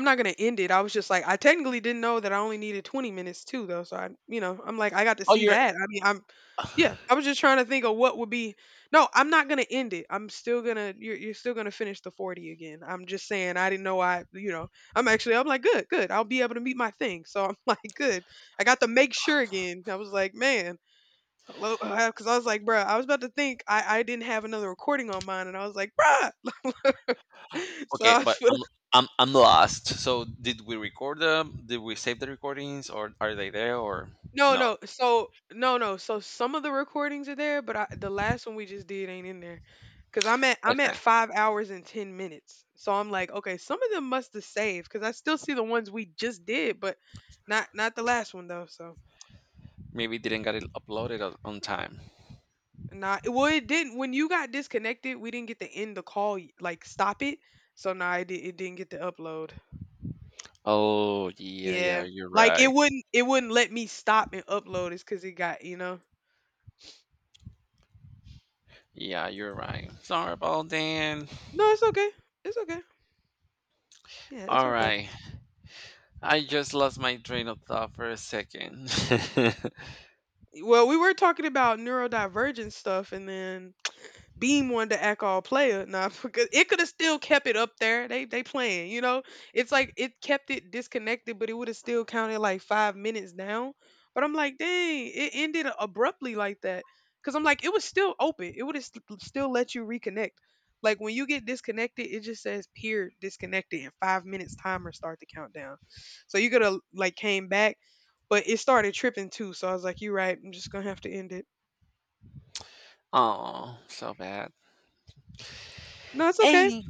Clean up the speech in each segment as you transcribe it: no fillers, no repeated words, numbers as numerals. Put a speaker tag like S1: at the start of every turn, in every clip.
S1: I'm not gonna end it. I was just like, I technically didn't know that I only needed 20 minutes too, though. So I'm like, I got to
S2: Oh,
S1: see
S2: you're
S1: that. Yeah. I was just trying to think of what would be. No, I'm not gonna end it. I'm still gonna. You're still gonna finish the 40 again. I'm just saying. I didn't know. I'm actually. I'm like, good. I'll be able to meet my thing. So I'm like, good. I got to make sure again. I was like, man. Hello, because I was like, bruh, I was about to think I didn't have another recording on mine, and I was like, bruh. so
S2: okay,
S1: I
S2: but
S1: was
S2: I'm lost. So did we record them? Did we save the recordings, or are they there, or
S1: no,
S2: no?
S1: no. So no, no. So some of the recordings are there, but I, the last one we just did ain't in there. Cause I'm at
S2: Okay,
S1: 5 hours and 10 minutes. So I'm like, okay, some of them must have saved because I still see the ones we just did, but not the last one though. So
S2: maybe didn't get it uploaded on time.
S1: not well, it didn't. When you got disconnected, we didn't get to end the call, like stop it. So nah, it didn't get to upload.
S2: Oh yeah, yeah,
S1: Yeah,
S2: you're
S1: like it
S2: right.
S1: wouldn't it wouldn't let me stop and upload. It's cause it got.
S2: Yeah, you're right. Sorry about that.
S1: No, it's okay. It's okay. Yeah, it's
S2: All
S1: okay.
S2: right, I just lost my train of thought for a second.
S1: Well, we were talking about neurodivergent stuff, and then Beam wanted to act all player. Nah, because it could have still kept it up there. They playing, It's like it kept it disconnected, but it would have still counted like 5 minutes down. But I'm like, dang, it ended abruptly like that. Cause I'm like, it was still open. It would have still let you reconnect. Like when you get disconnected, it just says peer disconnected and 5 minutes timer start the countdown. So you could have like came back, but it started tripping too. So I was like, you're right. I'm just gonna have to end it.
S2: Oh, so bad.
S1: No, it's okay.
S2: Any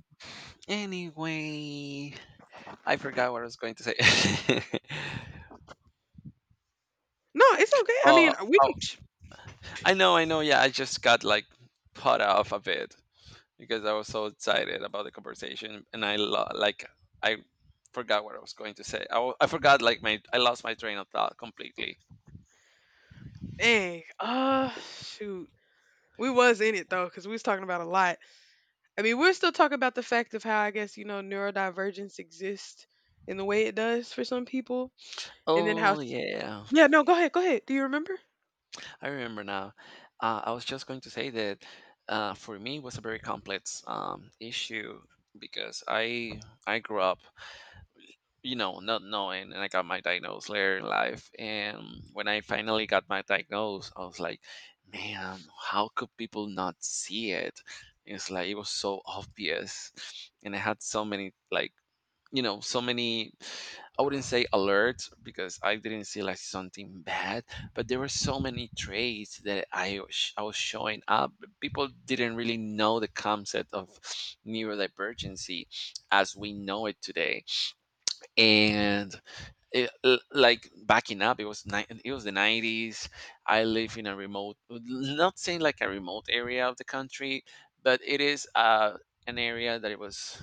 S2: anyway, I forgot what I was going to say.
S1: No, it's okay. I mean, we
S2: Oh,
S1: can
S2: I know, I know. Yeah, I just got like put off a bit because I was so excited about the conversation, and like I forgot what I was going to say. I forgot like my I lost my train of thought completely.
S1: dang. Shoot. We was in it though, because we was talking about a lot. I mean, we're still talking about the fact of how I guess you know neurodivergence exists in the way it does for some people, and then how.
S2: Oh
S1: S-
S2: yeah,
S1: Yeah. No. Go ahead. Go ahead. Do you remember?
S2: I remember now. I was just going to say that for me it was a very complex issue because I grew up not knowing, and I got my diagnosis later in life. And when I finally got my diagnosis, I was like, man, how could people not see it? It's like it was so obvious, and I had so many like so many I wouldn't say alerts because I didn't see like something bad but there were so many traits that I was showing up people didn't really know the concept of neurodivergency as we know it today and like backing up it was it was the 90s. I live in a remote, not saying like a remote area of the country, but it is an area that it was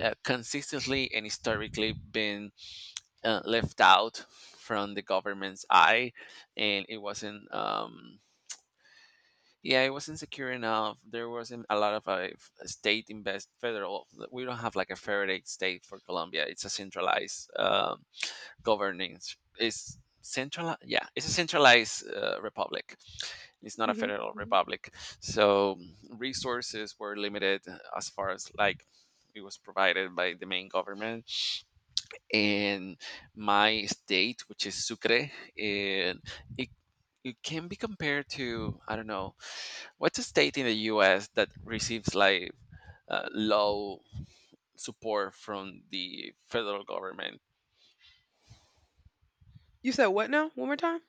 S2: consistently and historically been left out from the government's eye. And it wasn't yeah, it wasn't secure enough. There wasn't a lot of state invest federal. We don't have like a federate state for Colombia. It's a centralized, governance is central. Yeah, it's a centralized republic. It's not a
S1: Hmm.
S2: federal
S1: Hmm.
S2: republic. So resources were limited, as far as like it was provided by the main government. And my state, which is Sucre, and it it can be compared to, I don't know, what's a state in the US that receives like low support from the federal government?
S1: You said what now? One more time.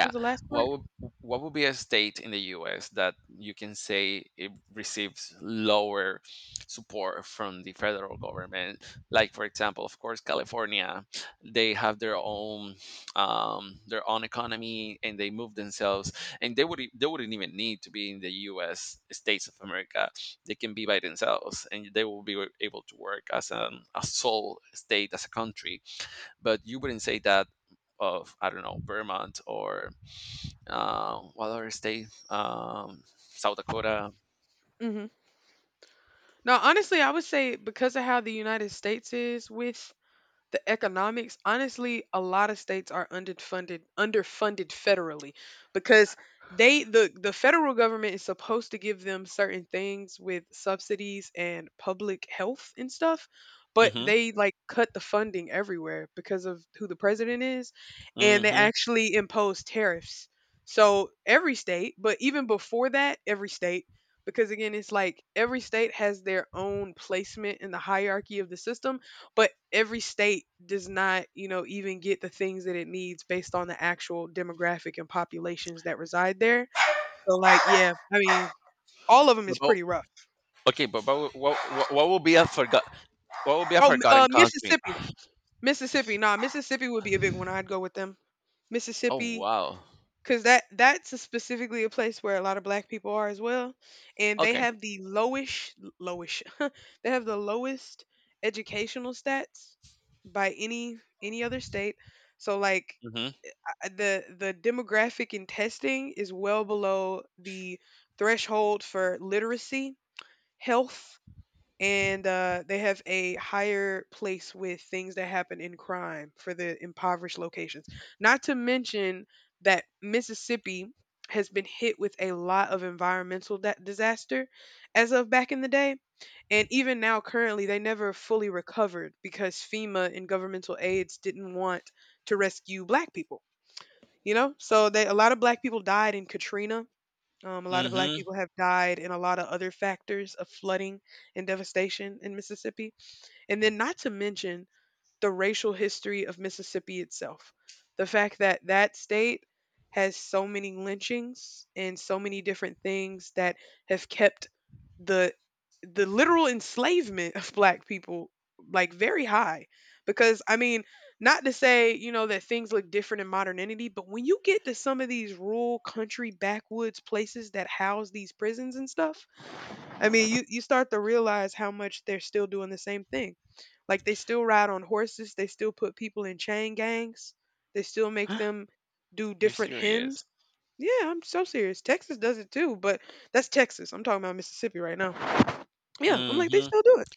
S1: What was the last part?
S2: What would what would be a state in the US that you can say it receives lower support from the federal government? Like for example, of course, California, they have their own economy and they move themselves, and they wouldn't even need to be in the US states of America. They can be by themselves and they will be able to work as an a sole state as a country. But you wouldn't say that of, I don't know, Vermont or what other state? South Dakota.
S1: Hmm. Now, honestly, I would say because of how the United States is with the economics honestly a lot of states are underfunded federally because the federal government is supposed to give them certain things with subsidies and public health and stuff, but
S2: Mm-hmm.
S1: they like cut the funding everywhere because of who the president is, and they
S2: Mm-hmm.
S1: actually impose tariffs. So every state, but even before that, every state, because again it's like every state has their own placement in the hierarchy of the system, but every state does not, you know, even get the things that it needs based on the actual demographic and populations that reside there. So, like, yeah, I mean, all of them
S2: But,
S1: is
S2: what-
S1: pretty rough.
S2: okay, but what will be a forgot what will be a
S1: Oh,
S2: forgotten country?
S1: Mississippi, Mississippi. Nah, Mississippi would be a big one. I'd go with them.
S2: Oh
S1: Mississippi,
S2: wow.
S1: because that's a specifically a place where a lot of Black people are as well, and they
S2: Okay.
S1: have the lowish, lowish. They have the lowest educational stats by any other state. So like
S2: Mm-hmm.
S1: the demographic in testing is well below the threshold for literacy, health, and they have a higher place with things that happen in crime for the impoverished locations. Not to mention that Mississippi has been hit with a lot of environmental disaster as of back in the day. And even now, currently, they never fully recovered because FEMA and governmental aides didn't want to rescue black people, you know? So they a lot of black people died in Katrina. A lot of black
S2: Mm-hmm.
S1: people have died in a lot of other factors of flooding and devastation in Mississippi. And then not to mention the racial history of Mississippi itself. The fact that that state has so many lynchings and so many different things that have kept the the literal enslavement of black people like very high, because I mean not to say, you know, that things look different in modernity, but when you get to some of these rural country backwoods places that house these prisons and stuff, I mean, you start to realize how much they're still doing the same thing. Like they still ride on horses, they still put people in chain gangs, they still make them do
S2: You're
S1: different hymns.
S2: serious.
S1: Yeah, I'm so serious. Texas does it too, but that's Texas. I'm talking about Mississippi right now. Yeah, I'm like they
S2: Mm-hmm.
S1: still do it.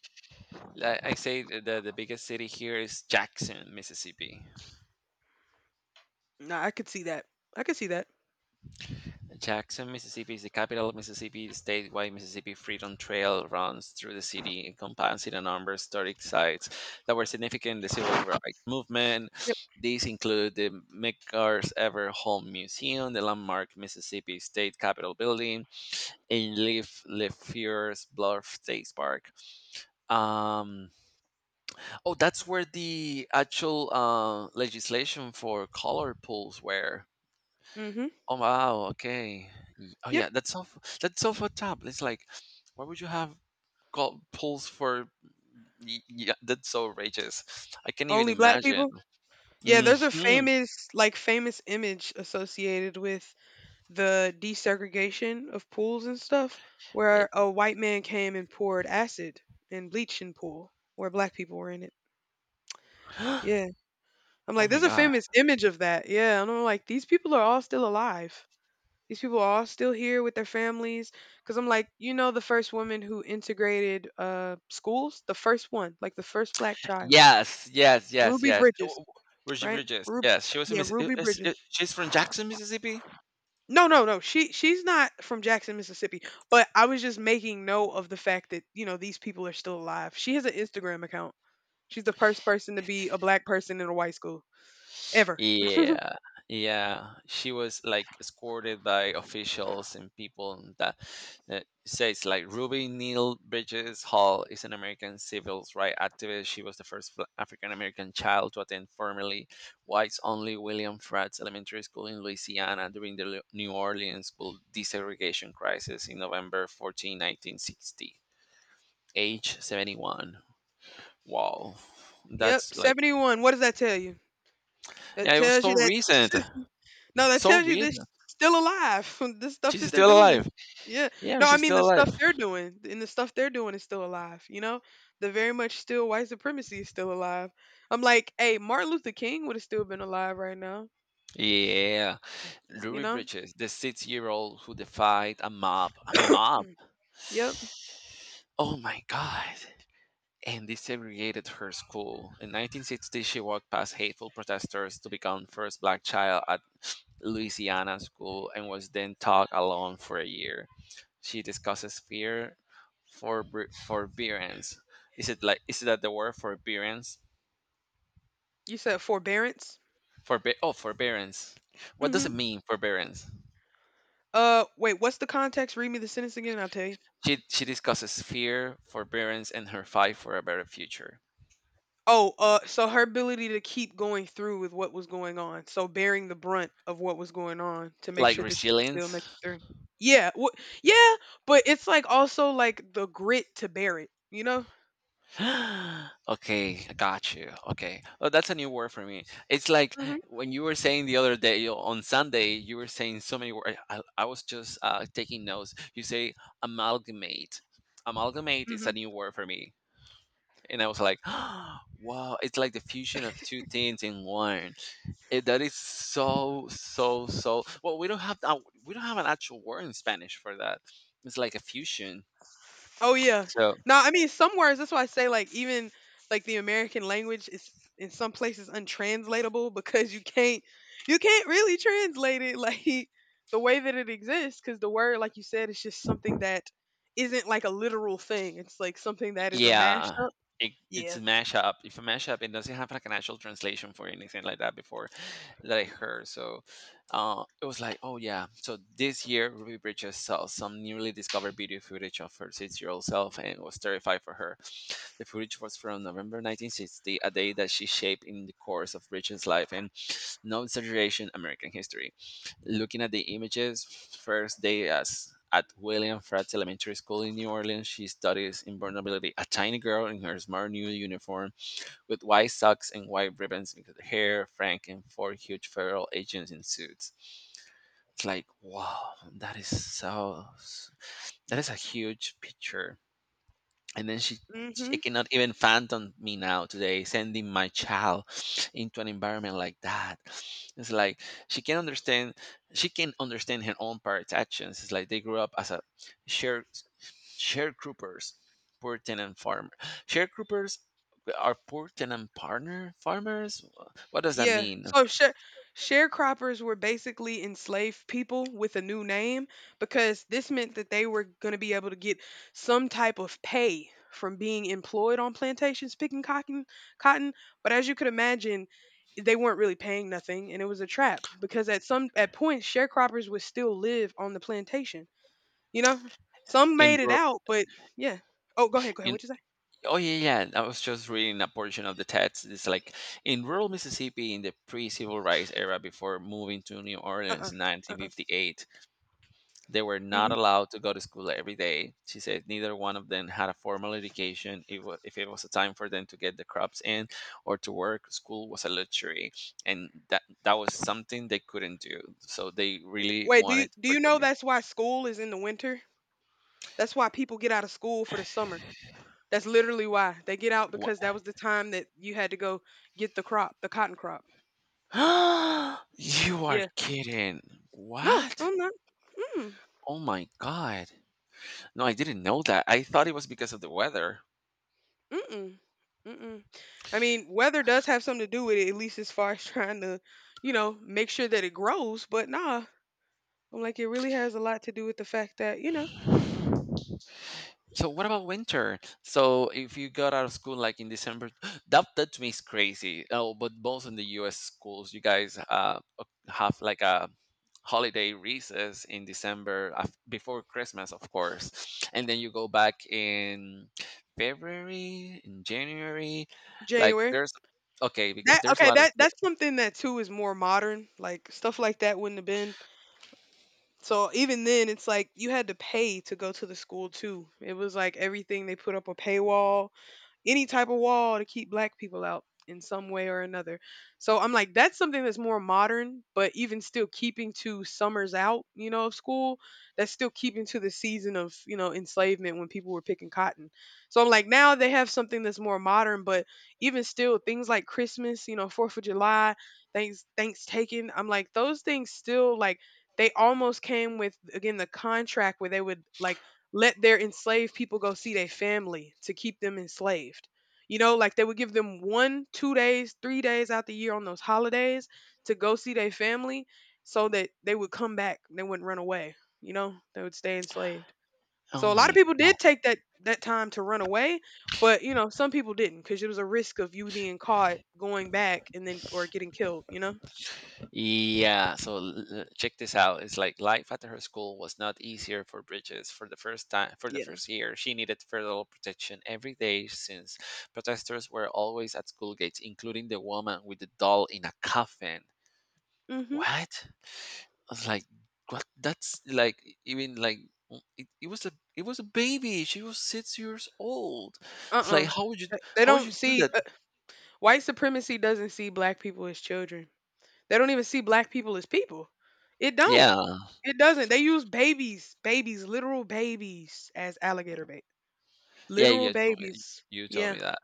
S2: I say the biggest city here is Jackson, Mississippi.
S1: Nah, I could see that. I could see that.
S2: Jackson, Mississippi is the capital of Mississippi State, while Mississippi Freedom Trail runs through the city, encompassing a number of historic sites that were significant in the civil rights movement.
S1: Yep.
S2: These include the McCar's Ever Home Museum, the landmark Mississippi State Capitol Building, and Leaf LeFleur's Bluff State Park. Um, oh, that's where the actual legislation for color pools were.
S1: Mhm.
S2: Oh wow, okay. Oh
S1: Yep.
S2: yeah, that's that's so fucked up. It's like, why would you have got pulls for? Yeah, that's so outrageous. I can't even
S1: Only black
S2: imagine.
S1: people. Yeah,
S2: Hmm.
S1: there's a famous like famous image associated with the desegregation of pools and stuff where a white man came and poured acid and bleach in pool where black people were in it. Yeah. I'm
S2: Oh
S1: like,
S2: my
S1: there's a
S2: god.
S1: famous image of that. Yeah. And I'm like, these people are all still alive. These people are all still here with their families. Cause I'm like, you know, the first woman who integrated schools, the first one, like the first black child,
S2: Yes, yes, yes,
S1: Ruby
S2: yes. Oh,
S1: Bridges,
S2: oh, oh, Reggie
S1: right?
S2: Bridges.
S1: Ruby,
S2: Yes, she was a
S1: yeah,
S2: miss.
S1: Ruby Bridges.
S2: She's from Jackson, Mississippi.
S1: No, no, no. She's not from Jackson, Mississippi. But I was just making note of the fact that you know these people are still alive. She has an Instagram account. She's the first person to be a black person in a white school ever.
S2: Yeah, yeah. She was like escorted by officials and people that, says like Ruby Neal Bridges Hall is an American civil rights activist. She was the first African American child to attend formerly whites-only William Fratz Elementary School in Louisiana during the New Orleans school desegregation crisis in November 14, 1960. Age 71. Wow.
S1: Yep,
S2: That's like,
S1: 71. What does that tell you? That
S2: yeah, it was
S1: tells you
S2: so
S1: that
S2: recent.
S1: no, that
S2: So
S1: tells you this
S2: recent.
S1: still alive. The stuff
S2: She's
S1: that they're
S2: still
S1: doing is
S2: alive.
S1: yeah.
S2: Yeah,
S1: No, I
S2: she's
S1: mean
S2: still
S1: the
S2: alive.
S1: stuff they're doing and the stuff they're doing is still alive. You know, the very much still white supremacy is still alive. I'm like, hey, Martin Luther King would have still been alive right now.
S2: Yeah,
S1: You
S2: Ruby
S1: know.
S2: Bridges, the six-year-old who defied a mob. A mob.
S1: Yep.
S2: Oh my God. And desegregated her school. In 1960, she walked past hateful protesters to become first black child at Louisiana school and was then taught alone for a year. She discusses fear, forbearance. Is it like is that the word forbearance?
S1: You said forbearance.
S2: Oh, forbearance. What does
S1: Mm-hmm.
S2: it mean, forbearance?
S1: Wait. What's the context? Read me the sentence again, and I'll tell you.
S2: She discusses fear, forbearance, and her fight for a better future,
S1: Oh, so her ability to keep going through with what was going on, so bearing the brunt of what was going on to make
S2: like
S1: sure that she could still
S2: resilience.
S1: make it through. Yeah, yeah, but it's like also like the grit to bear it, you know?
S2: Okay, I got you. Okay, oh, that's a new word for me. It's like
S1: Hmm.
S2: when you were saying the other day on Sunday, you were saying so many words. I was just taking notes. You say amalgamate. Amalgamate is
S1: Hmm.
S2: a new word for me, and I was like, wow, it's like the fusion of two things in one. Eh, that is so so so. Well, we don't have that. We don't have an actual word in Spanish for that. It's like a fusion.
S1: Oh yeah.
S2: So
S1: Now, I mean, some words. That's why I say like even like the American language is in some places untranslatable because you can't really translate it like the way that it exists because the word, like you said, is just something that isn't like a literal thing. It's like something that is a
S2: yeah,
S1: mashup.
S2: it's
S1: Yeah.
S2: a mashup. If a mashup, it doesn't have like an actual translation for anything like that before that I heard. So it was like, oh yeah, so this year Ruby Bridges saw some newly discovered video footage of her six-year-old self and was terrified for her. The footage was from November 1960, a day that she shaped in the course of Bridges life and, no exaggeration, American history. Looking at the images, first day as at William Pratt Elementary School in New Orleans, she studies invulnerability. A tiny girl in her smart new uniform with white socks and white ribbons in her hair, Frank, and four huge federal agents in suits. It's like, wow, that is so, that is a huge picture. And then she
S1: Hmm.
S2: cannot even fathom me now today sending my child into an environment like that. It's like she can understand she can understand her own parents actions. It's like they grew up as a share sharecroppers, poor tenant farmer. Sharecroppers are poor tenant partner farmers. What does that
S1: Yeah.
S2: mean
S1: So share sharecroppers were basically enslaved people with a new name because this meant that they were going to be able to get some type of pay from being employed on plantations picking cotton, cotton, but as you could imagine, they weren't really paying nothing, and it was a trap because at some at points sharecroppers would still live on the plantation, you know? Some
S2: in
S1: made it
S2: rural?
S1: out, but yeah. Oh, go ahead, go ahead. What you say?
S2: Oh yeah, yeah. I was just reading a portion of the text. It's like in rural Mississippi in the pre-civil rights era, before moving to New
S1: Uh-uh.
S2: Orleans in
S1: Uh-uh.
S2: 1958, they were not
S1: Mhm.
S2: allowed to go to school every day. She said neither one of them had a formal education. If it was a time for them to get the crops in or to work, school was a luxury, and that was something they couldn't do. So they really
S1: Wait, do you
S2: wanted
S1: do you know
S2: opportunity.
S1: that's why school is in the winter? That's why people get out of school for the summer. That's literally why. They get out because
S2: What?
S1: that was the time that you had to go get the crop, the cotton crop.
S2: You are
S1: Yeah.
S2: kidding!
S1: No, no,
S2: What?
S1: I'm not. Mm,
S2: Oh my god! No, I didn't know that. I thought it was because of the weather.
S1: mm-mm, mm-mm. I mean, weather does have something to do with it, at least as far as trying to, you know, make sure that it grows. But nah, I'm like, it really has a lot to do with the fact that, you know,
S2: So what about winter? So if you got out of school like in December, that to me is crazy. Oh, but most in the U.S. schools, you guys have like a holiday recess in December before Christmas, of course, and then you go back in February, in January. Like
S1: January.
S2: there's okay because
S1: That
S2: there's a
S1: okay,
S2: lot of.
S1: that's something that too is more modern. Like stuff like that wouldn't have been so even then, it's like you had to pay to go to the school too. It was like everything they put up a paywall any type of wall to keep black people out in some way or another. So I'm like, that's something that's more modern, but even still keeping to summers out, you know, of school, that's still keeping to the season of, you know, enslavement when people were picking cotton. So I'm like, now they have something that's more modern, but even still things like Christmas, you know, 4th of July, thanks taken. I'm like, those things still like they almost came with again the contract where they would like let their enslaved people go see their family to keep them enslaved. You know, like they would give them one, 2 days, 3 days out the year on those holidays to go see their family so that they would come back. They wouldn't run away. You know, they would stay enslaved.
S2: Oh
S1: So a lot of
S2: my
S1: people did
S2: god.
S1: take that time to run away, but you know, some people didn't because it was a risk of you being caught going back and then or getting killed, you know?
S2: Yeah, so check this out. It's like life at her school was not easier for Bridges. For the first time, for the
S1: Yeah.
S2: first year, she needed federal protection every day since protesters were always at school gates, including the woman with the doll in a coffin.
S1: Mhm.
S2: What? I was like, what? That's like even like mm, it was a baby. She was 6 years old. It's like
S1: Uh-uh. They
S2: how would
S1: don't
S2: you do
S1: see
S2: that?
S1: White supremacy doesn't see black people as children. They don't even see black people as people. It don't.
S2: Yeah,
S1: It doesn't. They use babies, babies, literal babies as alligator bait.
S2: yeah,
S1: Literal
S2: yeah. Told me,
S1: babies.
S2: you told
S1: Yeah.
S2: me that.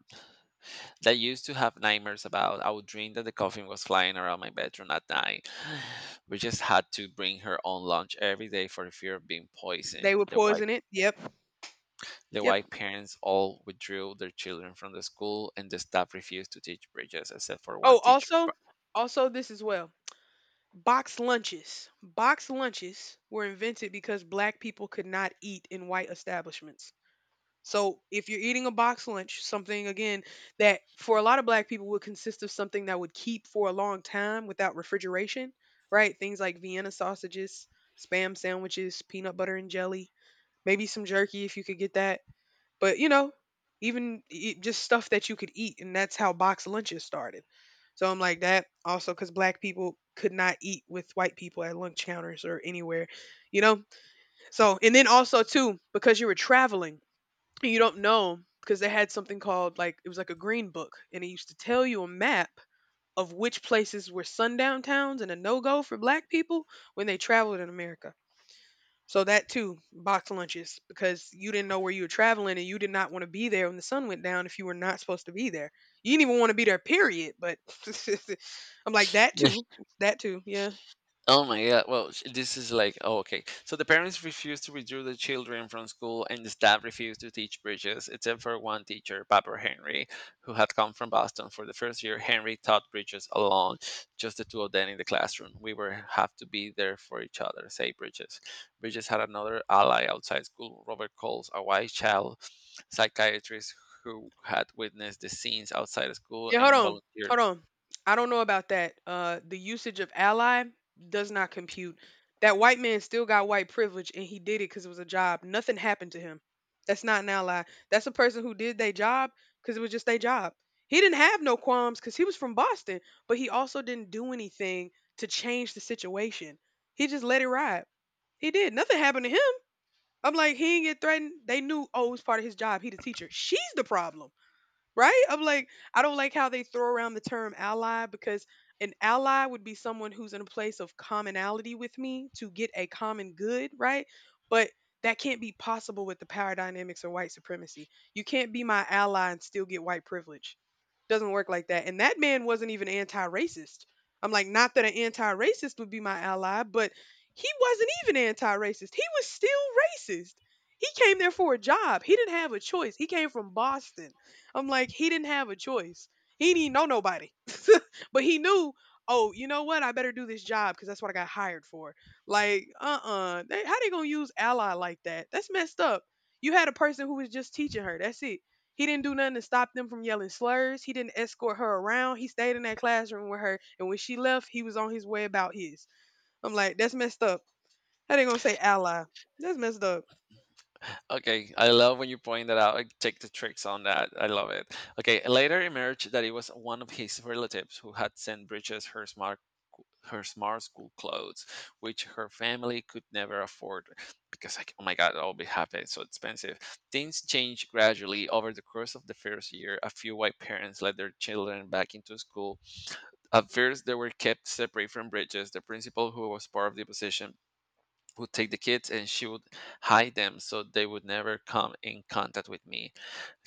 S2: That used to have nightmares about. I would dream that the coffin was flying around my bedroom at night. We just had to bring her own lunch every day for the fear of being
S1: They
S2: poisoned.
S1: would poison it. Yep.
S2: The
S1: Yep.
S2: white parents all withdrew their children from the school, and the staff refused to teach Bridges except for one
S1: Oh,
S2: teacher.
S1: also,
S2: But
S1: also this as well. Box lunches. Box lunches were invented because black people could not eat in white establishments. So if you're eating a box lunch, something again that for a lot of black people would consist of something that would keep for a long time without refrigeration, right? Things like Vienna sausages, spam sandwiches, peanut butter and jelly, maybe some jerky if you could get that. But you know, even just stuff that you could eat, and that's how box lunches started. So I'm like that also because black people could not eat with white people at lunch counters or anywhere, you know. So and then also too because you were traveling you don't know because they had something called like it was like a green book and it used to tell you a map of which places were sundown towns and a no-go for black people when they traveled in America. So that too, box lunches because you didn't know where you were traveling and you did not want to be there when the sun went down if you were not supposed to be there. You didn't even want to be there period, but I'm like that too. That too. Yeah.
S2: oh my god! Well, this is like oh, okay. So the parents refused to withdraw the children from school, and the staff refused to teach Bridges, except for one teacher, Papa Henry, who had come from Boston for the first year. Henry taught Bridges alone, just the two of them in the classroom. We were have to be there for each other," say Bridges. Bridges had another ally outside school, Robert Coles, a white child psychiatrist who had witnessed the scenes outside of school
S1: Yeah, hold
S2: and
S1: on.
S2: volunteered.
S1: Hold on. I don't know about that. The usage of ally does not compute. That white man still got white privilege and he did it cuz it was a job. Nothing happened to him. That's not an ally. That's a person who did their job cuz it was just their job. He didn't have no qualms cuz he was from Boston, but he also didn't do anything to change the situation. He just let it ride. He did. Nothing happened to him. I'm like, he didn't get threatened. They knew, oh, it was part of his job. He the teacher. She's the problem, right? I'm like, I don't like how they throw around the term ally because an ally would be someone who's in a place of commonality with me to get a common good, right? But that can't be possible with the power dynamics of white supremacy. You can't be my ally and still get white privilege. Doesn't work like that. And that man wasn't even anti racist. I'm like, not that an anti racist would be my ally, but he wasn't even anti racist. He was still racist. He came there for a job. He didn't have a choice. He came from Boston. I'm like, he didn't have a choice. He didn't know nobody. But he knew, oh, you know what? I better do this job because that's what I got hired for. Like, uh-uh. How they gonna use ally like that? That's messed up. You had a person who was just teaching her. That's it. He didn't do nothing to stop them from yelling slurs. He didn't escort her around. He stayed in that classroom with her. And when she left, he was on his way about his. I'm like, that's messed up. How they gonna say ally? That's messed up.
S2: Okay, I love when you point that out. I take the tricks on that. I love it. Okay, later emerged that it was one of his relatives who had sent Bridges her smart school clothes, which her family could never afford because like oh my god, I'll be happy, it's so expensive. Things changed gradually over the course of the first year. A few white parents let their children back into school. At first they were kept separate from Bridges. The principal, who was part of the opposition, would take the kids and she would hide them so they would never come in contact with me.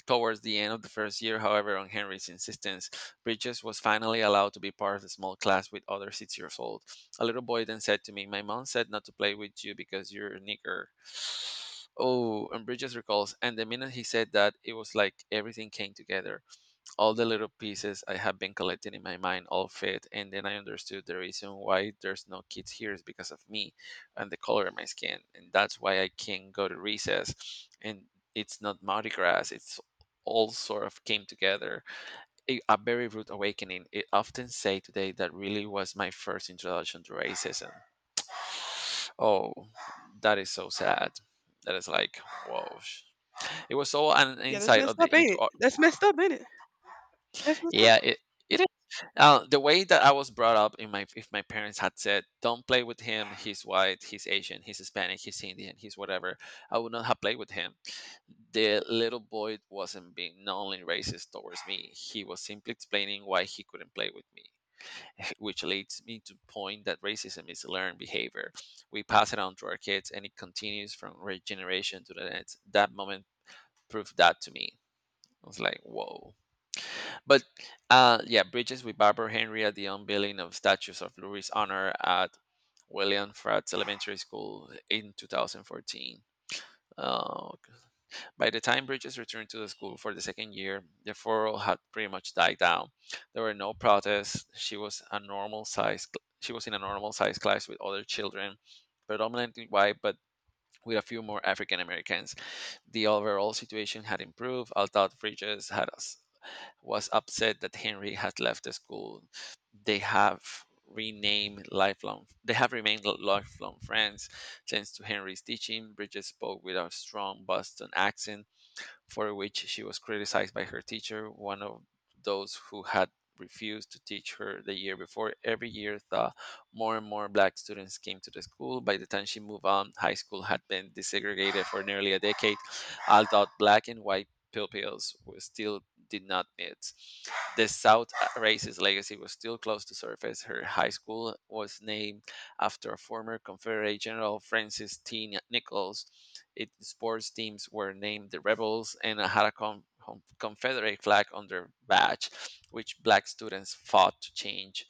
S2: Towards the end of the first year, however, on Henry's insistence, Bridges was finally allowed to be part of the small class with other 6 years old. A little boy then said to me, "My mom said not to play with you because you're a nigger." Oh, and Bridges recalls, and the minute he said that, it was like everything came together, all the little pieces I have been collecting in my mind all fit, and then I understood the reason why there's no kids here is because of me and the color of my skin, and that's why I can't go to recess. And it's not Mardi Gras, it's all sort of came together. A very rude awakening. I often say today that really was my first introduction to racism. Oh, that is so sad. That is like, whoa. It was all an
S1: Yeah, that's
S2: insight
S1: messed
S2: of the
S1: up, ain't
S2: into
S1: it? That's messed up, ain't it? That's messed up.
S2: yeah, it is. The way that I was brought up in my, if my parents had said, "Don't play with him. He's white. He's Asian. He's Hispanic. He's Indian. He's whatever," I would not have played with him. The little boy wasn't being knowingly racist towards me. He was simply explaining why he couldn't play with me, which leads me to point that racism is learned behavior. We pass it on to our kids, and it continues from generation to the next. That moment proved that to me. I was like, "Whoa." But yeah, bridges with Barbara Henry at the unveiling of statues of Lurie's honor at William Fratz Elementary School in 2014. Uh, by the time Bridges returned to the school for the second year, the furor had pretty much died down. There were no protests. She was a normal size. She was in a normal size class with other children, predominantly white, but with a few more African Americans. The overall situation had improved, although Bridges had was upset that Henry had left the school. They have they have remained lifelong friends. Thanks to Henry's teaching, Bridget spoke with a strong Boston accent, for which she was criticized by her teacher, one of those who had refused to teach her the year before. Every year, the more and more black students came to the school. By the time she moved on, high school had been desegregated for nearly a decade, although black and white pupils were still did not meet. The South racist legacy was still close to surface. Her high school was named after former Confederate General Francis T. Nichols. Its sports teams were named the Rebels and had a Confederate flag on their badge, which black students fought to change.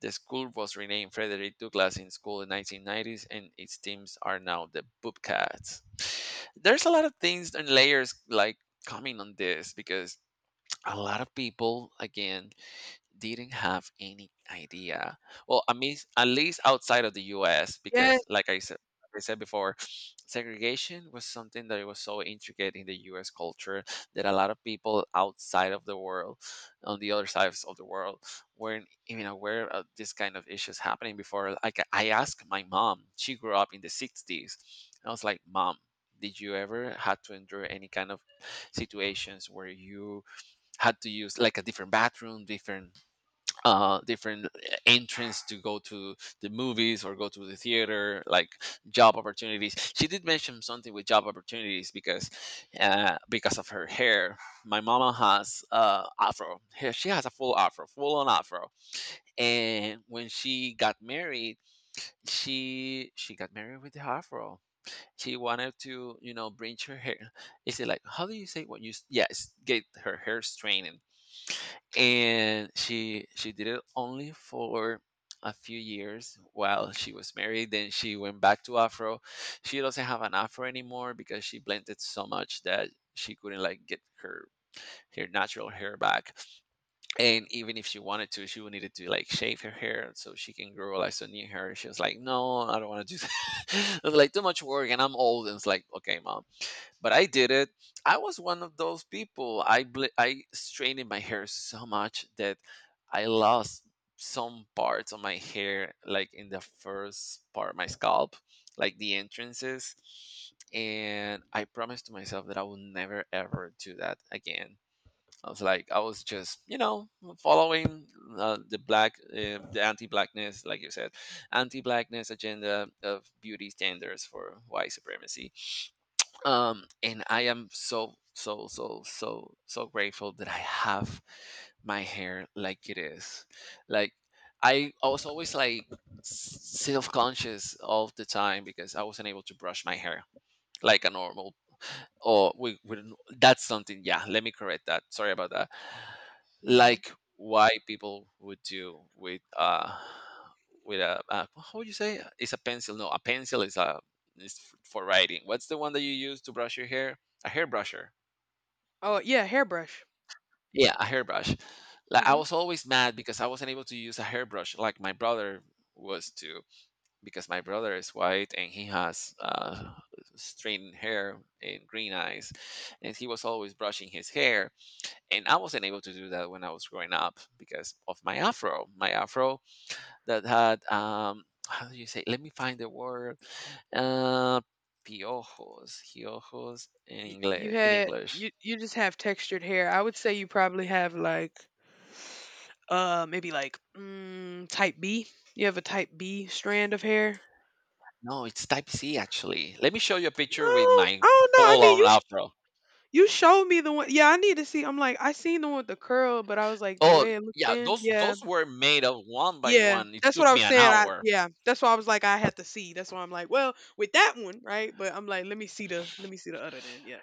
S2: The school was renamed Frederick Douglass in school in 1990s, and its teams are now the Bobcats. There's a lot of things and layers like coming on this because a lot of people again didn't have any idea. Well, I mean, at least outside of the U.S.,
S1: Yes.
S2: because like I said before, segregation was something that was so intricate in the U.S. culture that a lot of people outside of the world, on the other sides of the world, weren't even aware of this kind of issues happening before. Like I asked my mom, she grew up in the '60s. I was like, Mom, did you ever had to endure any kind of situations where you had to use like a different bathroom, different different entrance to go to the movies or go to the theater, like job opportunities. She did mention something with job opportunities because of her hair. My mama has afro. She has a full afro, full on afro. And when she got married, she got married with the afro. She wanted to, you know, bring her hair, is it like, how do you say what you yes, get her hair straightened. And she did it only for a few years while she was married, then she went back to afro. She doesn't have an afro anymore because she blended so much that she couldn't like get her her natural hair back. And even if she wanted to, she would needed to like shave her hair so she can grow like some new hair. She was like, no, I don't want to do that. It was like too much work and I'm old and it's like okay mom, but I did it. I was one of those people. I straightened my hair so much that I lost some parts of my hair, like in the first part of my scalp, like the entrances. And I promised to myself that I will never ever do that again. I was like, I was just, you know, following the black, the anti-blackness, like you said, anti-blackness agenda of beauty standards for white supremacy. And I am so so so so so grateful that I have my hair like it is. Like, I was always like self-conscious all the time because I wasn't able to brush my hair like a normal, or we don't- that's something, yeah, let me correct that, sorry about that.
S1: Mhm.
S2: Like why people would do with a how would you say, it's a pencil, no a pencil is, a is for writing. What's the one that you use to brush your hair, a hairbrusher.
S1: Oh, yeah, hairbrush.
S2: Yeah, a hairbrush. Like I
S1: Hmm.
S2: was always mad because I wasn't able to use a hairbrush like my brother was too, because my brother is white and he has straightened hair and green eyes, and he was always brushing his hair, and I wasn't able to do that when I was growing up because of my afro. My afro that had how do you say? Let me find the word. Uh, Piojos, piojos in
S1: Y- you
S2: English. In
S1: had
S2: English,
S1: you you just have textured hair. I would say you probably have like maybe like type B. You have a type B strand of hair.
S2: no, it's type C actually. Let me show you a picture with
S1: No,
S2: my
S1: I don't know. I mean,
S2: full-on
S1: you
S2: afro.
S1: you showed me the one. Yeah, I need to see. I'm like, I seen the one with the curl, but I was like, the
S2: Oh
S1: way it looked
S2: yeah,
S1: in. Yeah,
S2: those were made of one by
S1: yeah,
S2: one. It
S1: that's what
S2: took
S1: I
S2: me
S1: was
S2: an
S1: saying. I
S2: hour.
S1: Yeah, that's why I was like, I had to see. That's why I'm like, well, with that one, right? But I'm like, let me see the other then. Yeah,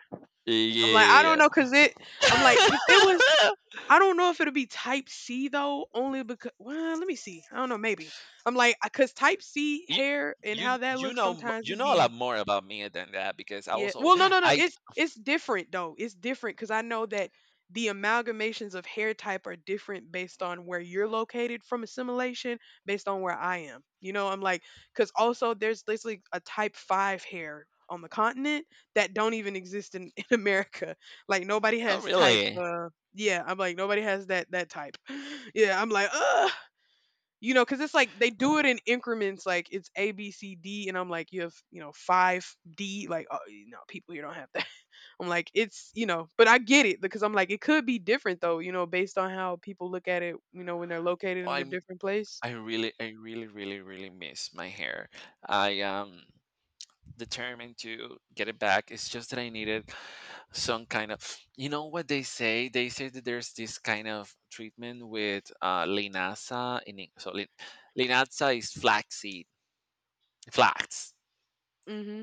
S1: I'm like, I don't
S2: Yeah.
S1: know, cause it. I'm like, if it was I don't know if it'll be type C though, only because well, let me see. I don't know, maybe. I'm like, cause type C
S2: you,
S1: hair and
S2: you
S1: how that
S2: you
S1: looks
S2: know
S1: sometimes
S2: you
S1: it
S2: know a lot
S1: be.
S2: more about me than that because I
S1: Yeah.
S2: also
S1: Well, no, no, no.
S2: I
S1: It's different though. It's different because I know that the amalgamations of hair type are different based on where you're located from assimilation, based on where I am. You know, I'm like, because also there's basically a type five hair on the continent that don't even exist in, in America. Like nobody
S2: oh,
S1: has type.
S2: really?
S1: Yeah, I'm like nobody has that type. Yeah, I'm like, ugh, you know, because it's like they do it in increments, like it's A, B, C, D, and I'm like, you have, you know, five D, like, oh, you know, people here don't have that. I'm like, it's, you know, but I get it because I'm like, it could be different though, you know, based on how people look at it, you know, when they're located
S2: Oh,
S1: in a different place.
S2: I really, I really miss my hair. I am determined to get it back. It's just that I needed some kind of, you know what they say? They say that there's this kind of treatment with linasa in so lin, linasa is flaxseed. Flax.
S1: Mm-hmm.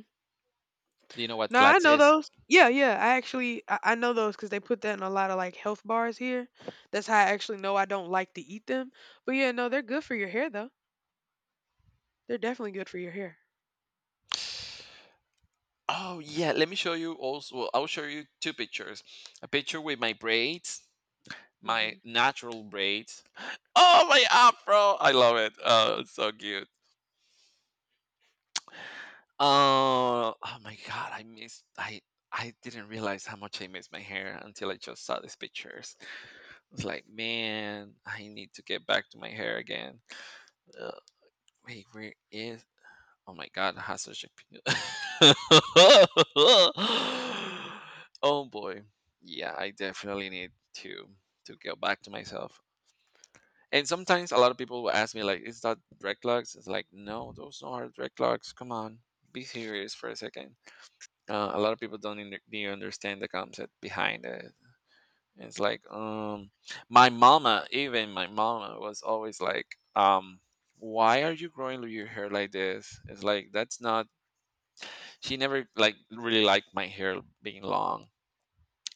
S2: Do you know what
S1: No, I
S2: flax
S1: know
S2: is?
S1: those. Yeah, yeah. I actually I know those because they put that in a lot of like health bars here. That's how I actually know I don't like to eat them. But yeah, no, they're good for your hair though. They're definitely good for your hair.
S2: Oh yeah, let me show you also, I'll show you two pictures. A picture with my braids,
S1: Hmm.
S2: my natural braids. Oh, my afro! I love it. Oh, it's so cute. Oh, oh my god, I missed. I didn't realize how much I missed my hair until I just saw these pictures. I was like, man, I need to get back to my hair again. Uh, Wait, where is? Oh my god, it has such a. Oh boy, yeah, I definitely need to to get back to myself. And sometimes a lot of people will ask me, like, is that direct locks? It's like, no, those are direct locks. Come on, be serious for a second. A lot of people don't they understand the concept behind it. It's like, my mama, even my mama was always like, um, why are you growing your hair like this? It's like, that's not, she never like really liked my hair being long,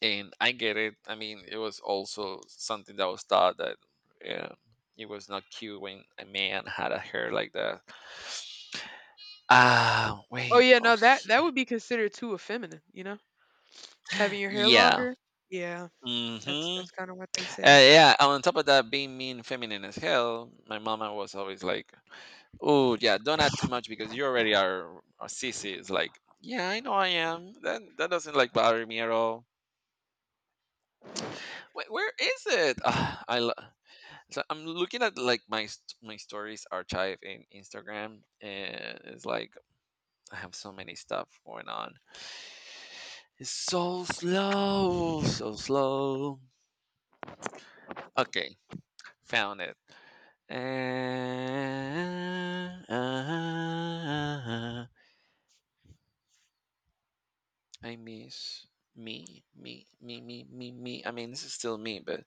S2: and I get it. I mean, it was also something that was thought that yeah, it was not cute when a man had a hair like that. Ah,
S1: Oh
S2: wait.
S1: yeah, no that that would be considered too effeminate, you know. Having your hair
S2: Yeah.
S1: longer? Yeah, that's
S2: Mm-hmm.
S1: that's kinda what they say.
S2: Yeah. On top of that, being mean, feminine as hell, my mama was always like, "Oh, yeah, don't add too much because you already are a sissy." It's like, yeah, I know I am. That doesn't like bother me at all. Where is it? Ah, I love. So I'm looking at like my my stories archive in Instagram, and it's like I have so many stuff going on. It's so slow, so slow. Okay, found it. Ah, I miss me, me, me, me, me, me. I mean, this is still me, but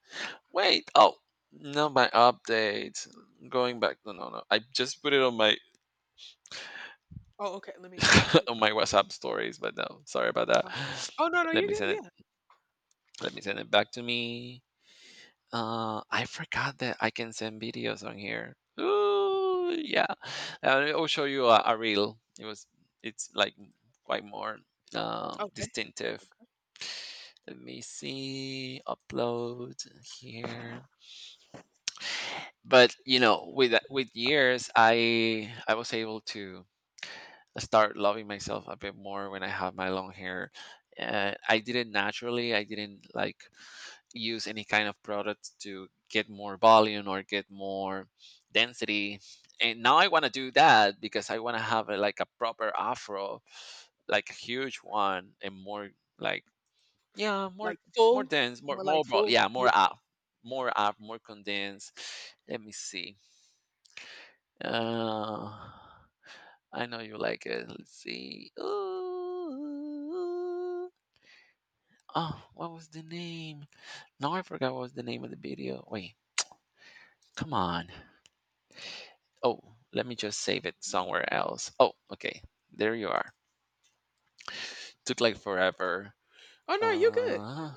S2: wait. Oh, no, my update. Going back. No, no, no. I just put it on my
S1: Oh, okay, let me
S2: on my WhatsApp stories, but no, sorry about that.
S1: oh oh, no, no,
S2: Let
S1: you
S2: me
S1: good,
S2: send it.
S1: yeah,
S2: Let me send it back to me. I forgot that I can send videos on here. Ooh, yeah. I'll show you a reel. It was. It's like quite more
S1: okay.
S2: distinctive. Let me see. Upload here. But you know, with years, I was able to start loving myself a bit more when I have my long hair. I did it naturally. I didn't like use any kind of product to get more volume or get more density. And now I want to do that because I want to have like a proper afro, like a huge one and more like yeah, more
S1: Like, full?
S2: dense,
S1: More like full?
S2: yeah,
S1: Yeah.
S2: more up, more up, more condensed. Let me see. Uh, I know you like it. Let's see. Ooh. Oh, what was the name? No, I forgot what was the name of the video. Wait, come on. Oh, let me just save it somewhere else. Oh, okay. There you are. Took like forever.
S1: Oh, no, you good.
S2: Uh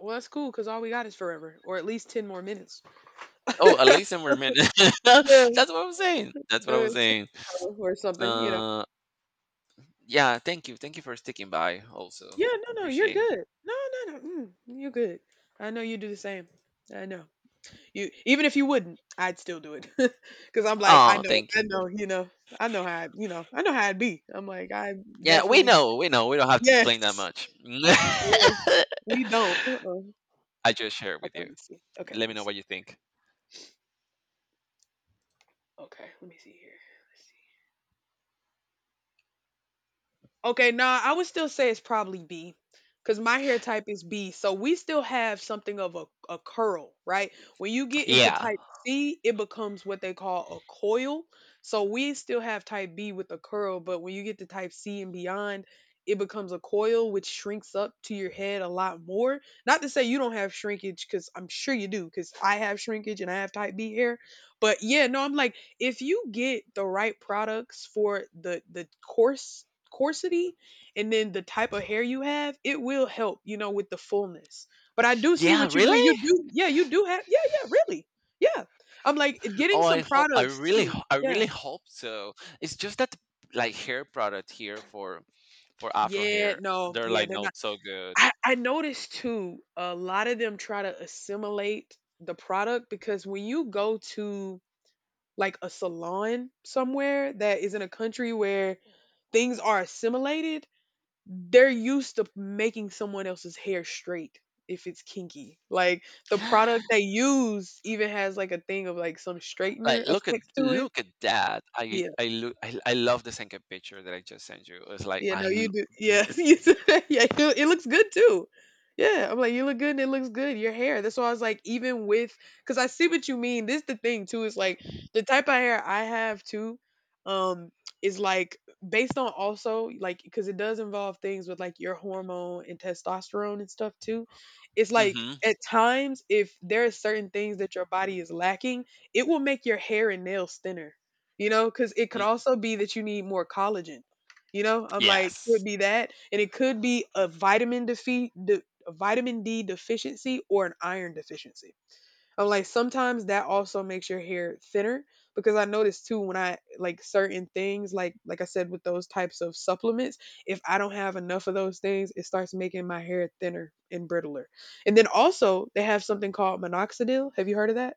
S1: Well, that's cool because all we got is forever or at least 10 more minutes.
S2: oh, at least in a minute. That's
S1: Yeah,
S2: what I was saying. That's what I was saying.
S1: tomorrow or something, you know?
S2: Uh yeah, thank you. Thank you for sticking by also.
S1: Yeah, no, no, you're
S2: Appreciate.
S1: good. No, no, no, you're good. I know you do the same. I know. You even if you wouldn't, I'd still do it because 'cause I'm like,
S2: Oh, thank
S1: I
S2: you.
S1: know, you know, I know how it be. I'm like, I
S2: Yeah, we
S1: definitely.
S2: know, we know. We don't have to explain that
S1: Yes,
S2: much.
S1: yes. We don't. Uh-uh.
S2: I just shared
S1: Okay,
S2: with
S1: let
S2: you.
S1: me see. Okay, let
S2: Let me
S1: me
S2: know
S1: see.
S2: what you think.
S1: Okay, let me see here. Let's see. Okay, nah, I would still say it's probably B because my hair type is B. So we still have something of a curl, right? When you get into
S2: Yeah.
S1: type C, it becomes what they call a coil. So we still have type B with a curl, but when you get to type C and beyond, it becomes a coil, which shrinks up to your head a lot more. Not to say you don't have shrinkage, because I'm sure you do, because I have shrinkage and I have type B hair. But yeah, no, I'm like, if you get the right products for the coarse Coarsity, and then the type of hair you have, it will help, you know, with the fullness. But I do see
S2: Yeah,
S1: what you
S2: really?
S1: mean. You do, yeah, you do have, yeah, yeah, really, yeah. I'm like getting
S2: Oh,
S1: some
S2: I hope I
S1: products too.
S2: I
S1: Yeah,
S2: really hope so. It's just that like hair product here for afro
S1: yeah,
S2: hair,
S1: no,
S2: they're
S1: yeah,
S2: like
S1: they're not.
S2: not so good.
S1: I noticed too. A lot of them try to assimilate the product because when you go to like a salon somewhere that is in a country where things are assimilated, they're used to making someone else's hair straight if it's kinky. Like the product they use even has like a thing of like some straightener
S2: Like
S1: effects to it.
S2: look at that. I
S1: Yeah.
S2: I look I, I love the second picture that I just sent you. It's like
S1: Yeah,
S2: I
S1: no, you do.
S2: mm-hmm,
S1: Yeah, yeah, you, it looks good too. Yeah, I'm like, you look good and it looks good. Your hair. That's why I was like, even with, because I see what you mean. This the thing too. Is like the type of hair I have too. Um, is like based on also like because it does involve things with like your hormone and testosterone and stuff too. It's like at times if there are certain things that your body is lacking, it will make your hair and nails thinner. You know, because it could
S2: mm,
S1: also be that you need more collagen, you know, I'm like, could
S2: yes.
S1: be that, and it could be a vitamin D deficiency, or an iron deficiency. I'm like, sometimes that also makes your hair thinner because I noticed too when I like certain things, like I said with those types of supplements, if I don't have enough of those things, it starts making my hair thinner and brittler. And then also they have something called minoxidil. Have you heard of that?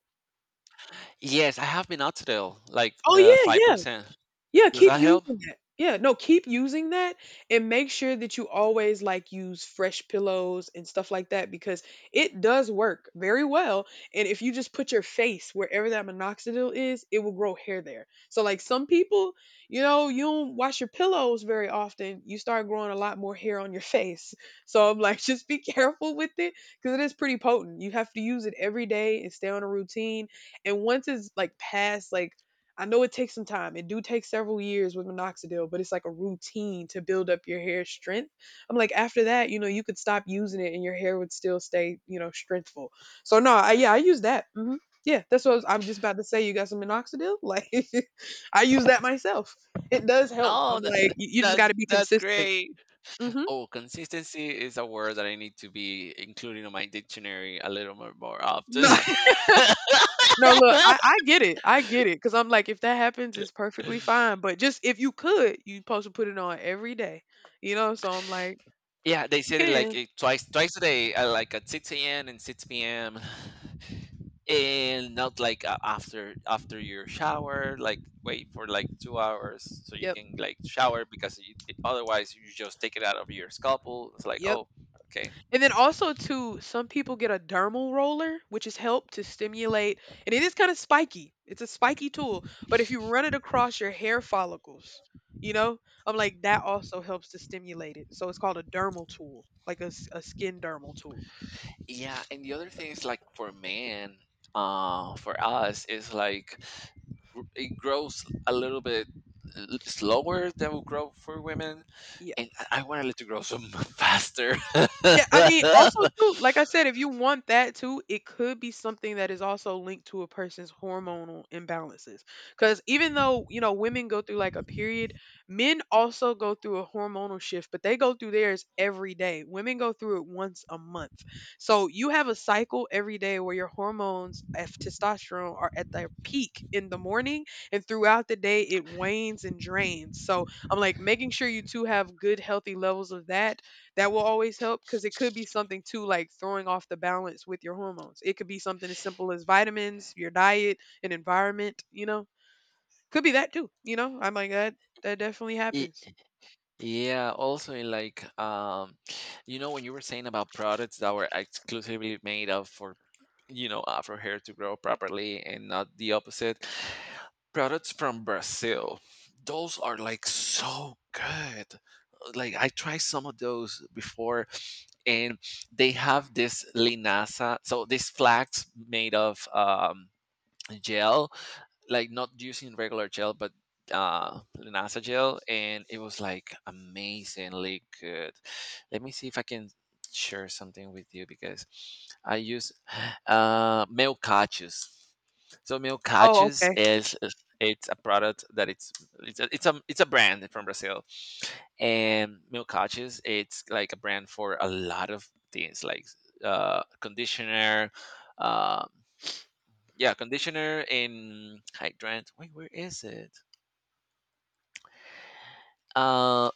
S2: Yes, I have been out today, like
S1: Oh yeah.
S2: 5%.
S1: Yeah,
S2: Does
S1: keep
S2: that help?
S1: using that. Yeah, no, keep using that and make sure that you always like use fresh pillows and stuff like that because it does work very well. And if you just put your face wherever that minoxidil is, it will grow hair there. So like some people, you know, you don't wash your pillows very often, you start growing a lot more hair on your face. So I'm like, just be careful with it because it is pretty potent. You have to use it every day and stay on a routine. And once it's past I know it takes some time. It do take several years with minoxidil, but it's like a routine to build up your hair strength. I'm like after that, you know, you could stop using it and your hair would still stay, you know, strengthful. So no, I, yeah, I use that. Hmm Yeah, that's what I'm just about to say. You got some minoxidil? Like, I use that myself. It does help. I'm
S2: Oh,
S1: like, you just got to be
S2: that's
S1: consistent.
S2: great.
S1: Hmm
S2: Oh, consistency is a word that I need to be including on my dictionary a little more, more
S1: No,
S2: often.
S1: no, look, I get it. I get it. Cause I'm like, if that happens, it's perfectly fine. But just if you could, you supposed to put it on every day. You know, so I'm like,
S2: Yeah, they
S1: you
S2: said it like
S1: can.
S2: it twice a day, like at 6 a.m. and 6 p.m. And not like after your shower, like wait for like 2 hours so you
S1: Yep.
S2: can like shower because otherwise you just take it out of your scalpel. It's like,
S1: Yep.
S2: oh, okay.
S1: And then also too, some people get a dermal roller, which is help to stimulate, and it is kind of spiky. It's a spiky tool. But if you run it across your hair follicles, you know, I'm like that also helps to stimulate it. So it's called a dermal tool, like a skin dermal tool.
S2: Yeah, and the other thing is like for men, for us is like it grows a little bit slower than will grow for women,
S1: Yeah.
S2: and I wanted it to grow so faster.
S1: Yeah, I mean, also too, like I said, if you want that too, it could be something that is also linked to a person's hormonal imbalances. Because even though, you know, women go through like a period, men also go through a hormonal shift, but they go through theirs every day. Women go through it once a month. So you have a cycle every day where your hormones of testosterone are at their peak in the morning and throughout the day it wanes and drains. So I'm like making sure you two have good, healthy levels of that that will always help because it could be something too like throwing off the balance with your hormones. It could be something as simple as vitamins, your diet, and environment, you know? Could be that too, you know? I'm like that definitely
S2: Y-
S1: happens.
S2: yeah, also in like you know when you were saying about products that were exclusively made of for, you know, afro hair to grow properly and not the opposite, products from Brazil. Those are like so good. Like I tried some of those before, and they have this linasa, so these flags made of gel, like not using regular gel, but uh, linasa gel, and it was like amazingly good. Let me see if I can share something with you because I use uh, Meocachus. So
S1: Oh,
S2: Meocachus
S1: okay.
S2: is, it's a product that it's a brand from Brazil, and milk couches, it's like a brand for a lot of things like uh, conditioner, um, yeah, conditioner in hydrant, wait, where is it, uh,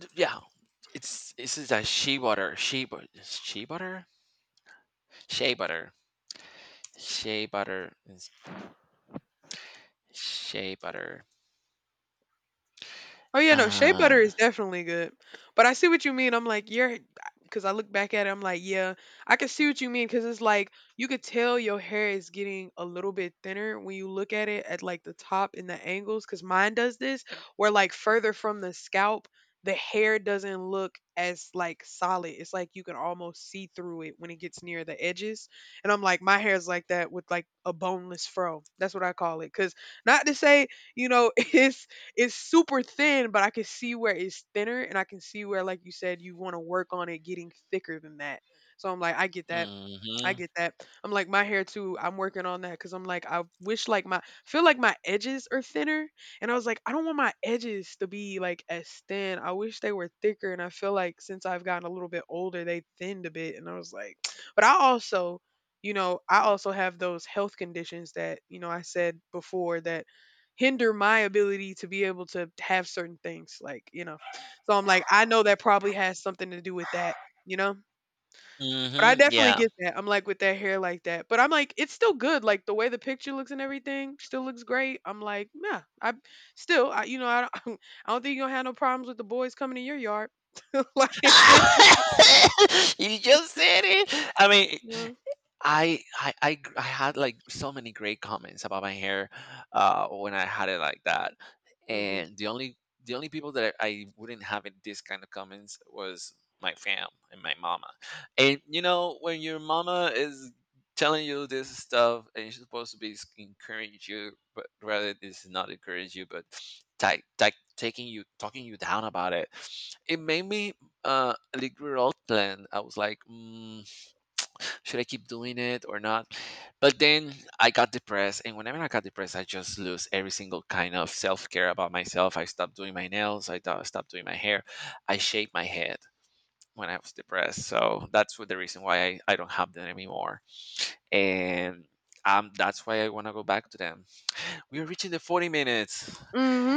S2: d- yeah, it's, this is a shea butter, shea butter, shea butter, shea butter, shea butter is shea butter.
S1: Oh yeah, no, shea
S2: Uh,
S1: butter is definitely good. But I see what you mean. I'm like, you're because I look back at it, I'm like, yeah, I can see what you mean because it's like you could tell your hair is getting a little bit thinner when you look at it at like the top and the angles. Because mine does this, where like further from the scalp, the hair doesn't look as like solid. It's like you can almost see through it when it gets near the edges. And I'm like, my hair's like that with like a boneless fro. That's what I call it. Because not to say, you know, it's super thin, but I can see where it's thinner and I can see where like you said you want to work on it getting thicker than that. So I'm like, I get that. I
S2: mm-hmm,
S1: get that. I'm like my hair too. I'm working on that because I'm like I wish like my feel like my edges are thinner, and I was like I don't want my edges to be like as thin. I wish they were thicker, and I feel like since I've gotten a little bit older, they thinned a bit, and I was like, but I also, you know, I also have those health conditions that you know I said before that hinder my ability to be able to have certain things like, you know, so I'm like I know that probably has something to do with that, you know, but I
S2: mm-hmm,
S1: definitely
S2: yeah.
S1: get that. I'm like with that hair like that. But I'm like, it's still good. Like the way the picture looks and everything still looks great. I'm like, nah, you know, I don't, I don't think you're gonna have no problems with the boys coming in your yard. Like,
S2: You just said it. I mean,
S1: yeah.
S2: I had like so many great comments about my hair when I had it like that,
S1: hmm
S2: and the only people that I wouldn't have it this kind of comments was my fam and my mama, and you know when your mama is telling you this stuff and she's supposed to be encourage you, but rather it's not encourage you, but like, taking you talking you down about it, it made me uh, league road plan, I was like, mm, should I keep doing it or not, but then I got depressed, and whenever I got depressed I just lose every single kind of self-care about myself. I stopped doing my nails, I stopped doing my hair, I shaved my head when I was depressed. So that's what the reason why I don't have them anymore. And that's why I want to go back to them. We are reaching the 40 minutes.
S1: hmm